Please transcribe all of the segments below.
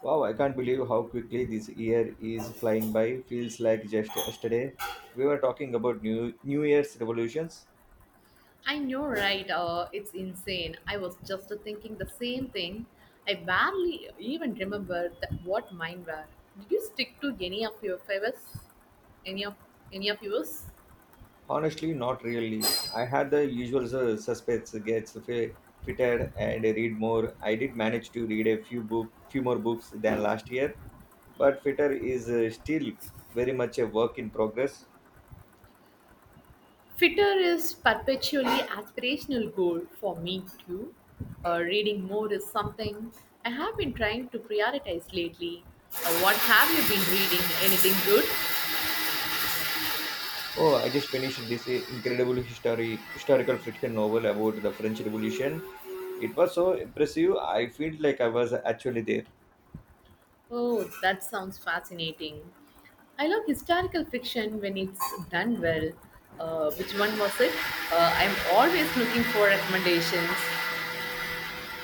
Wow, I can't believe how quickly this year is flying by. Feels like just yesterday. We were talking about New Year's revolutions. I know, right? It's insane. I was just thinking the same thing. I barely even remember that what mine were. Did you stick to any of your favours? Any of any of yours? Honestly, not really. I had the usual suspects gets fitted and read more. I did manage to read few more books than last year, but fitter is still very much a work in progress. Fitter is perpetually aspirational goal for me too. Reading more is something I have been trying to prioritize lately. What have you been reading? Anything good? Oh, I just finished this incredible history historical fiction novel about the French Revolution. It was so impressive. I feel like I was actually there. Oh, that sounds fascinating. I love historical fiction when it's done well. Which one was it? I'm always looking for recommendations.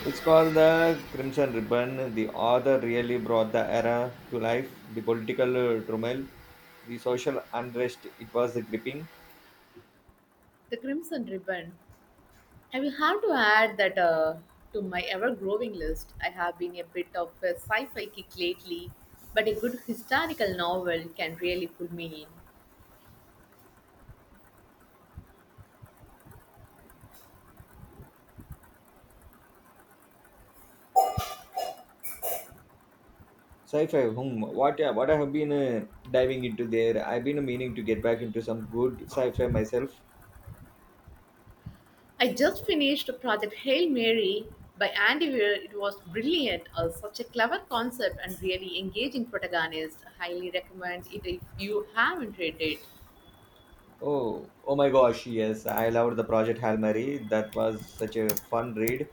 It's called the Crimson Ribbon. The author really brought the era to life. The political turmoil, the social unrest. It was gripping. The Crimson Ribbon. I will have to add that to my ever growing list. I have been a bit of a sci fi kick lately, but a good historical novel can really pull me in. Sci-fi. What I have been diving into there. I've been meaning to get back into some good sci-fi myself. I just finished Project Hail Mary by Andy Weir. It was brilliant, such a clever concept and really engaging protagonist. Highly recommend it if you haven't read it. Oh my gosh, yes, I loved the Project Hail Mary. That was such a fun read.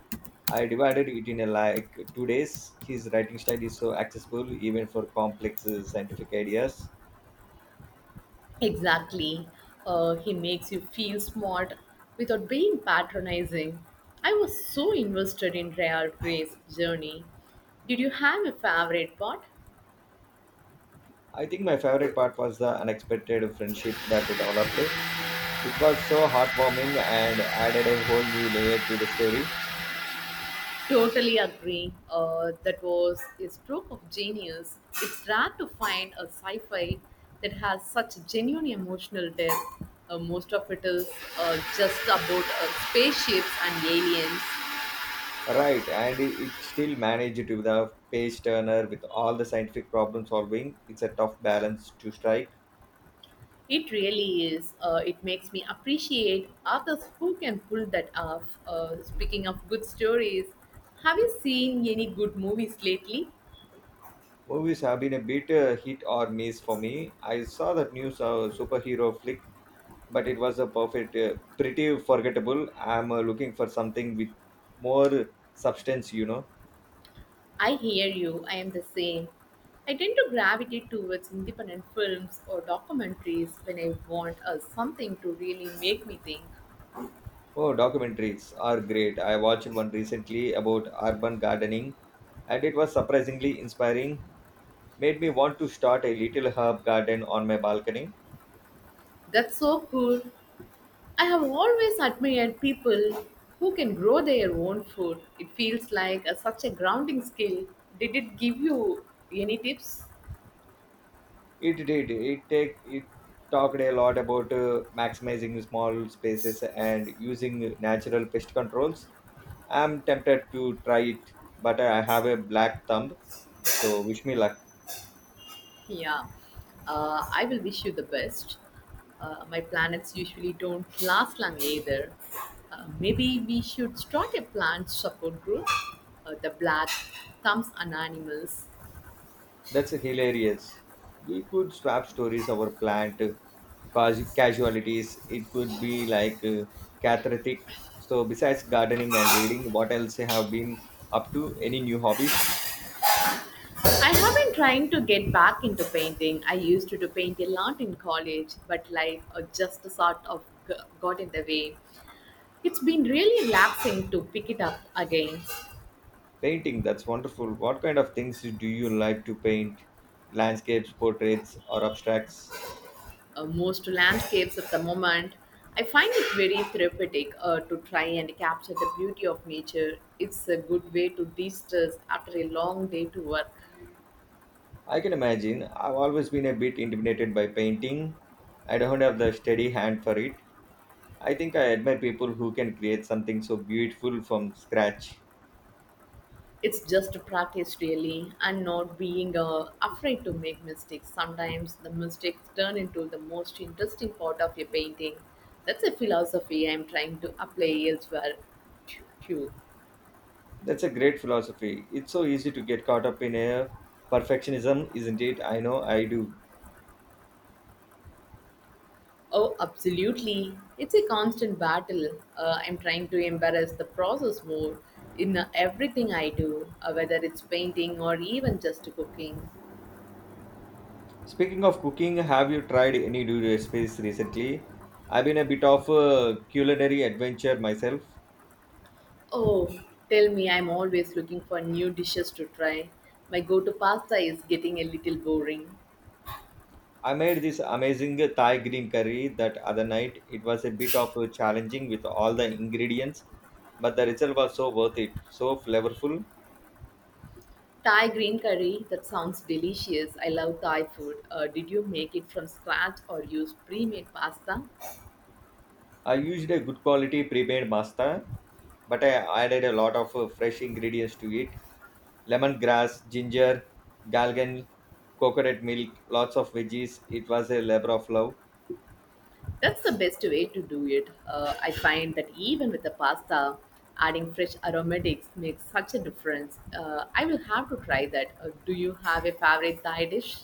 I divided it in like 2 days. His writing style is so accessible, even for complex scientific ideas. Exactly. He makes you feel smart without being patronizing. I was so invested in Rhea Gray's journey. Did you have a favorite part? I think my favorite part was the unexpected friendship that it developed. It was so heartwarming and added a whole new layer to the story. Totally agree. That was a stroke of genius. It's rare to find a sci fi that has such genuine emotional depth. Most of it is just about spaceships and aliens. Right, and it still managed to be the page turner with all the scientific problem solving. It's a tough balance to strike. It really is. It makes me appreciate authors who can pull that off. Speaking of good stories, have you seen any good movies lately? Movies have been a bit hit or miss for me. I saw that new superhero flick, but it was pretty forgettable. I'm looking for something with more substance. I hear you. I am the same. I tend to gravitate towards independent films or documentaries when I want something to really make me think. Oh, documentaries are great. I watched one recently about urban gardening, and it was surprisingly inspiring. Made me want to start a little herb garden on my balcony. That's so cool. I have always admired people who can grow their own food. It feels like a, such a grounding skill. Did it give you any tips? It did. It talked a lot about maximizing small spaces and using natural pest controls. I'm tempted to try it, but I have a black thumb, so wish me luck. Yeah, I will wish you the best. My planets usually don't last long either. Maybe we should start a plant support group, the Black Thumbs and Animals. That's hilarious. We could swap stories of our plant cause casualties. It could be like cathartic. So besides gardening and reading, what else you have been up to? Any new hobbies? I have been trying to get back into painting. I used to do paint a lot in college, but life just sort of g- got in the way. It's been really relaxing to pick it up again. Painting, that's wonderful. What kind of things do you like to paint? Landscapes, portraits, or abstracts? Most landscapes at the moment. I find it very therapeutic to try and capture the beauty of nature. It's a good way to de stress after a long day to work. I can imagine. I've always been a bit intimidated by painting. I don't have the steady hand for it. I think I admire people who can create something so beautiful from scratch. It's just practice, really, and not being afraid to make mistakes. Sometimes the mistakes turn into the most interesting part of your painting. That's a philosophy I'm trying to apply elsewhere, too. That's a great philosophy. It's so easy to get caught up in a perfectionism, isn't it? I know I do. Oh, absolutely. It's a constant battle. I'm trying to embrace the process more in everything I do, whether it's painting or even just cooking. Speaking of cooking, have you tried any new recipes recently? I've been a bit of a culinary adventure myself. Oh, tell me, I'm always looking for new dishes to try. My go to pasta is getting a little boring. I made this amazing Thai green curry that other night. It was a bit of a challenging with all the ingredients, but the result was so worth it, so flavorful. Thai green curry, that sounds delicious. I love Thai food. Did you make it from scratch or use pre made pasta? I used a good quality pre-made pasta, but I added a lot of fresh ingredients to it: lemongrass, ginger, galgan, coconut milk, lots of veggies. It was a labor of love. That's the best way to do it. I find that even with the pasta, adding fresh aromatics makes such a difference. I will have to try that. Do you have a favorite Thai dish?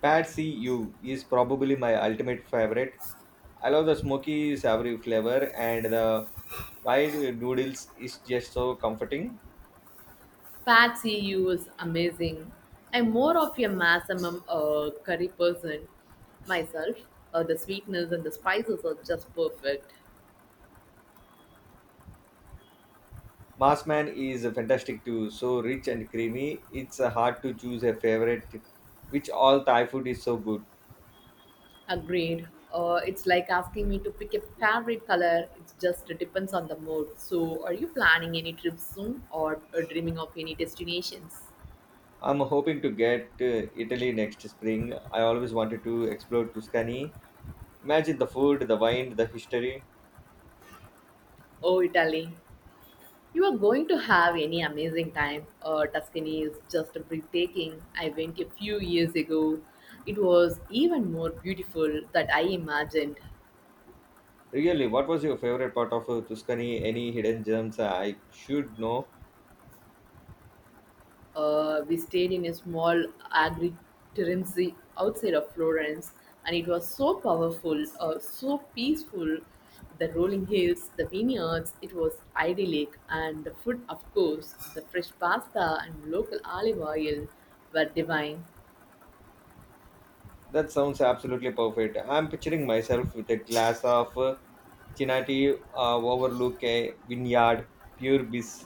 Patsy U is probably my ultimate favorite. I love the smoky, savory flavor, and the wide noodles is just so comforting. Pad see ew is amazing. I'm more of a maximum curry person myself. The sweetness and the spices are just perfect. Massman is fantastic too, so rich and creamy. It's hard to choose a favorite, which all Thai food is so good. Agreed. It's like asking me to pick a favorite color. It just depends on the mood. So, are you planning any trips soon or dreaming of any destinations? I'm hoping to get Italy next spring. I always wanted to explore Tuscany. Imagine the food, the wine, the history. Oh, Italy. You are going to have any amazing time. Tuscany is just breathtaking. I went a few years ago. It was even more beautiful than I imagined. Really, what was your favorite part of Tuscany? Any hidden gems I should know? We stayed in a small agriturism outside of Florence, and it was so powerful, so peaceful. The rolling hills, the vineyards, it was idyllic, and the food, of course, the fresh pasta and local olive oil were divine. That sounds absolutely perfect. I'm picturing myself with a glass of Chinati overlook a vineyard, pure bliss.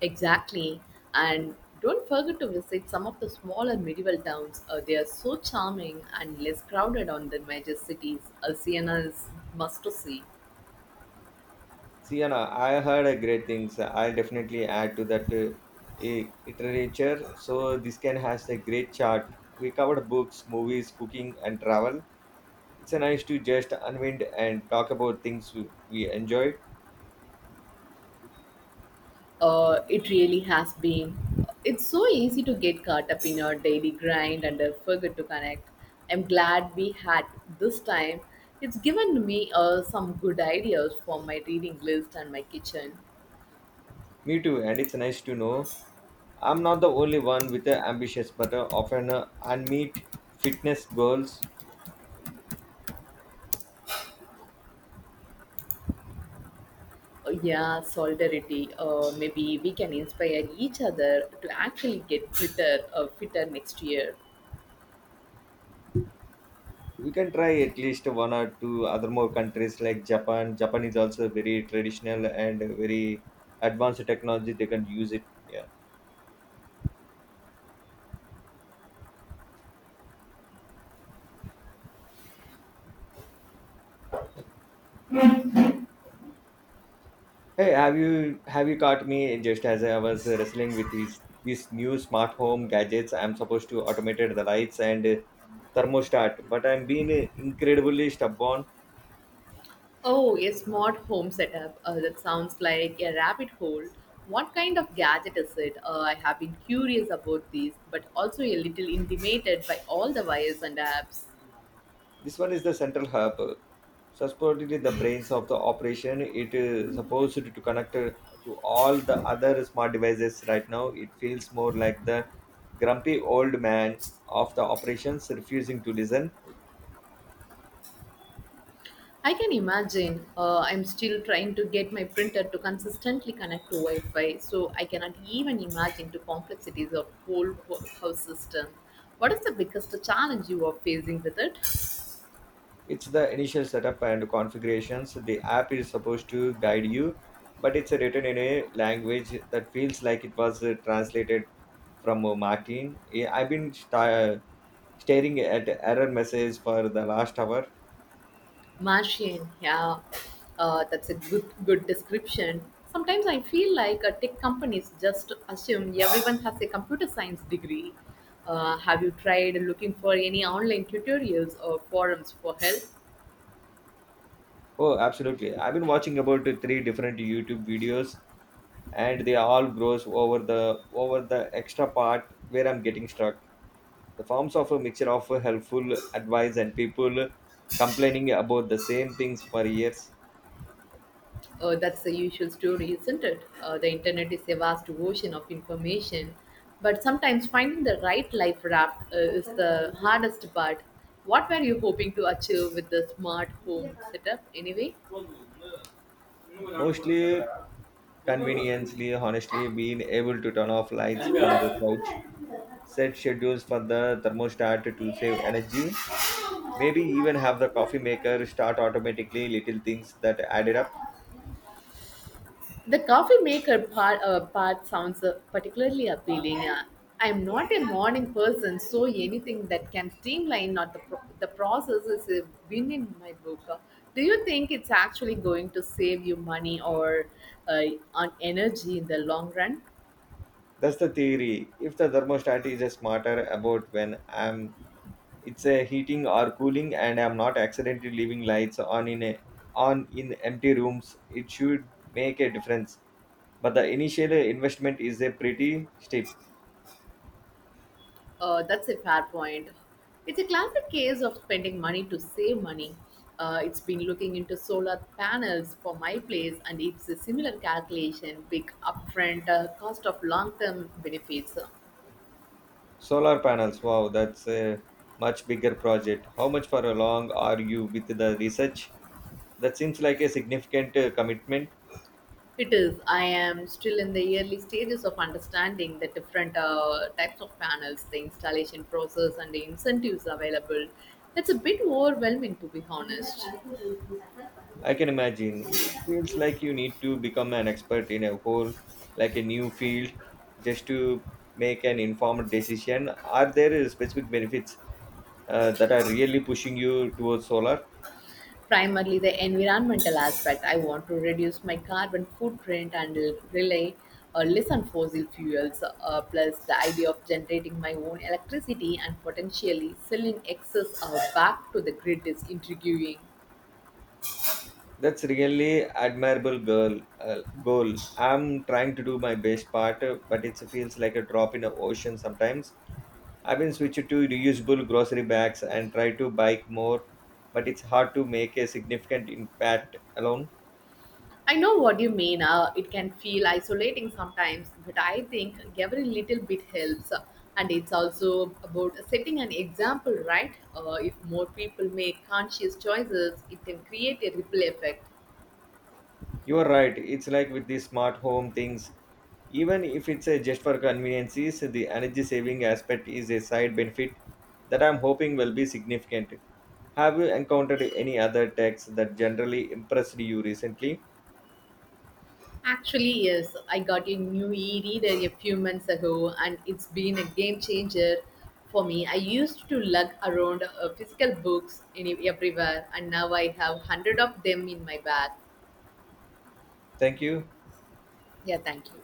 Exactly. And don't forget to visit some of the smaller medieval towns. They are so charming and less crowded on the major cities. Siena is must to see. See, Sienna, I heard a great things. I'll definitely add to that literature. So this can has a great chart. We covered books, movies, cooking, and travel. It's a nice to just unwind and talk about things we enjoyed. It really has been. It's so easy to get caught up in our daily grind and forget to connect. I'm glad we had this time. It's given me some good ideas for my reading list and my kitchen. Me too, and it's nice to know I'm not the only one with a ambitious but often unmet fitness goals. Yeah, solidarity. Maybe we can inspire each other to actually get fitter next year. We can try at least one or two other more countries like Japan. Japan is also very traditional and very advanced technology they can use it. Yeah, hey, have you caught me just as I was wrestling with these new smart home gadgets. I'm supposed to automated the lights and thermostat, but I'm being incredibly stubborn. Oh, a smart home setup. That sounds like a rabbit hole. What kind of gadget is it? I have been curious about these, but also a little intimidated by all the wires and apps. This one is the central hub. So, supposedly the brains of the operation, it is supposed to connect to all the other smart devices. Right now it feels more like the grumpy old man of the operations, refusing to listen. I can imagine. I'm still trying to get my printer to consistently connect to Wi-Fi, so I cannot even imagine the complexities of whole house system. What is the biggest challenge you are facing with it? It's the initial setup and configurations. The app is supposed to guide you, but it's written in a language that feels like it was translated from martin. I've been staring at error message for the last hour. Martian, yeah, that's a good description. Sometimes I feel like tech companies just assume everyone has a computer science degree. Have you tried looking for any online tutorials or forums for help? Oh, absolutely. I've been watching about three different YouTube videos, and they all gross over the extra part where I'm getting stuck. The forms of a mixture of helpful advice and people complaining about the same things for years. That's the usual story, isn't it? The internet is a vast ocean of information, but sometimes finding the right life raft is the hardest part. What were you hoping to achieve with the smart home setup anyway? Mostly conveniently, honestly, being able to turn off lights from the couch, set schedules for the thermostat to save energy, maybe even have the coffee maker start automatically, little things that added up. uh, The coffee maker part sounds particularly appealing. I'm not a morning person, so anything that can streamline not the, pro- the process is a win in my book. Do you think it's actually going to save you money or uh, on energy in the long run? That's the theory. If the thermostat is smarter about when I'm it's a heating or cooling and I'm not accidentally leaving lights on in empty rooms, it should make a difference. But the initial investment is a pretty steep. That's a fair point. It's a classic case of spending money to save money. It's been looking into solar panels for my place, and it's a similar calculation big upfront cost of long term benefits. Solar panels, wow, that's a much bigger project. How much for a long are you with the research? That seems like a significant commitment. It is, I am still in the early stages of understanding the different types of panels, the installation process, and the incentives available. It's a bit overwhelming, to be honest. I can imagine. It feels like you need to become an expert in a whole, like a new field, just to make an informed decision. Are there specific benefits that are really pushing you towards solar? Primarily the environmental aspect. I want to reduce my carbon footprint and rely or less on fossil fuels, plus the idea of generating my own electricity and potentially selling excess back to the grid is intriguing. That's really admirable girl goal. I'm trying to do my best part, but it feels like a drop in the ocean sometimes. I've been switching to reusable grocery bags and try to bike more, but it's hard to make a significant impact alone. I know what you mean. It can feel isolating sometimes, but I think every little bit helps. And it's also about setting an example, right? If more people make conscious choices, it can create a ripple effect. You're right. It's like with the smart home things. Even if it's a just for conveniences, the energy saving aspect is a side benefit that I'm hoping will be significant. Have you encountered any other techs that generally impressed you recently? Actually, yes, I got a new e reader a few months ago and it's been a game changer for me. I used to lug around physical books everywhere and now I have 100 of them in my bag. Thank you. Yeah, thank you.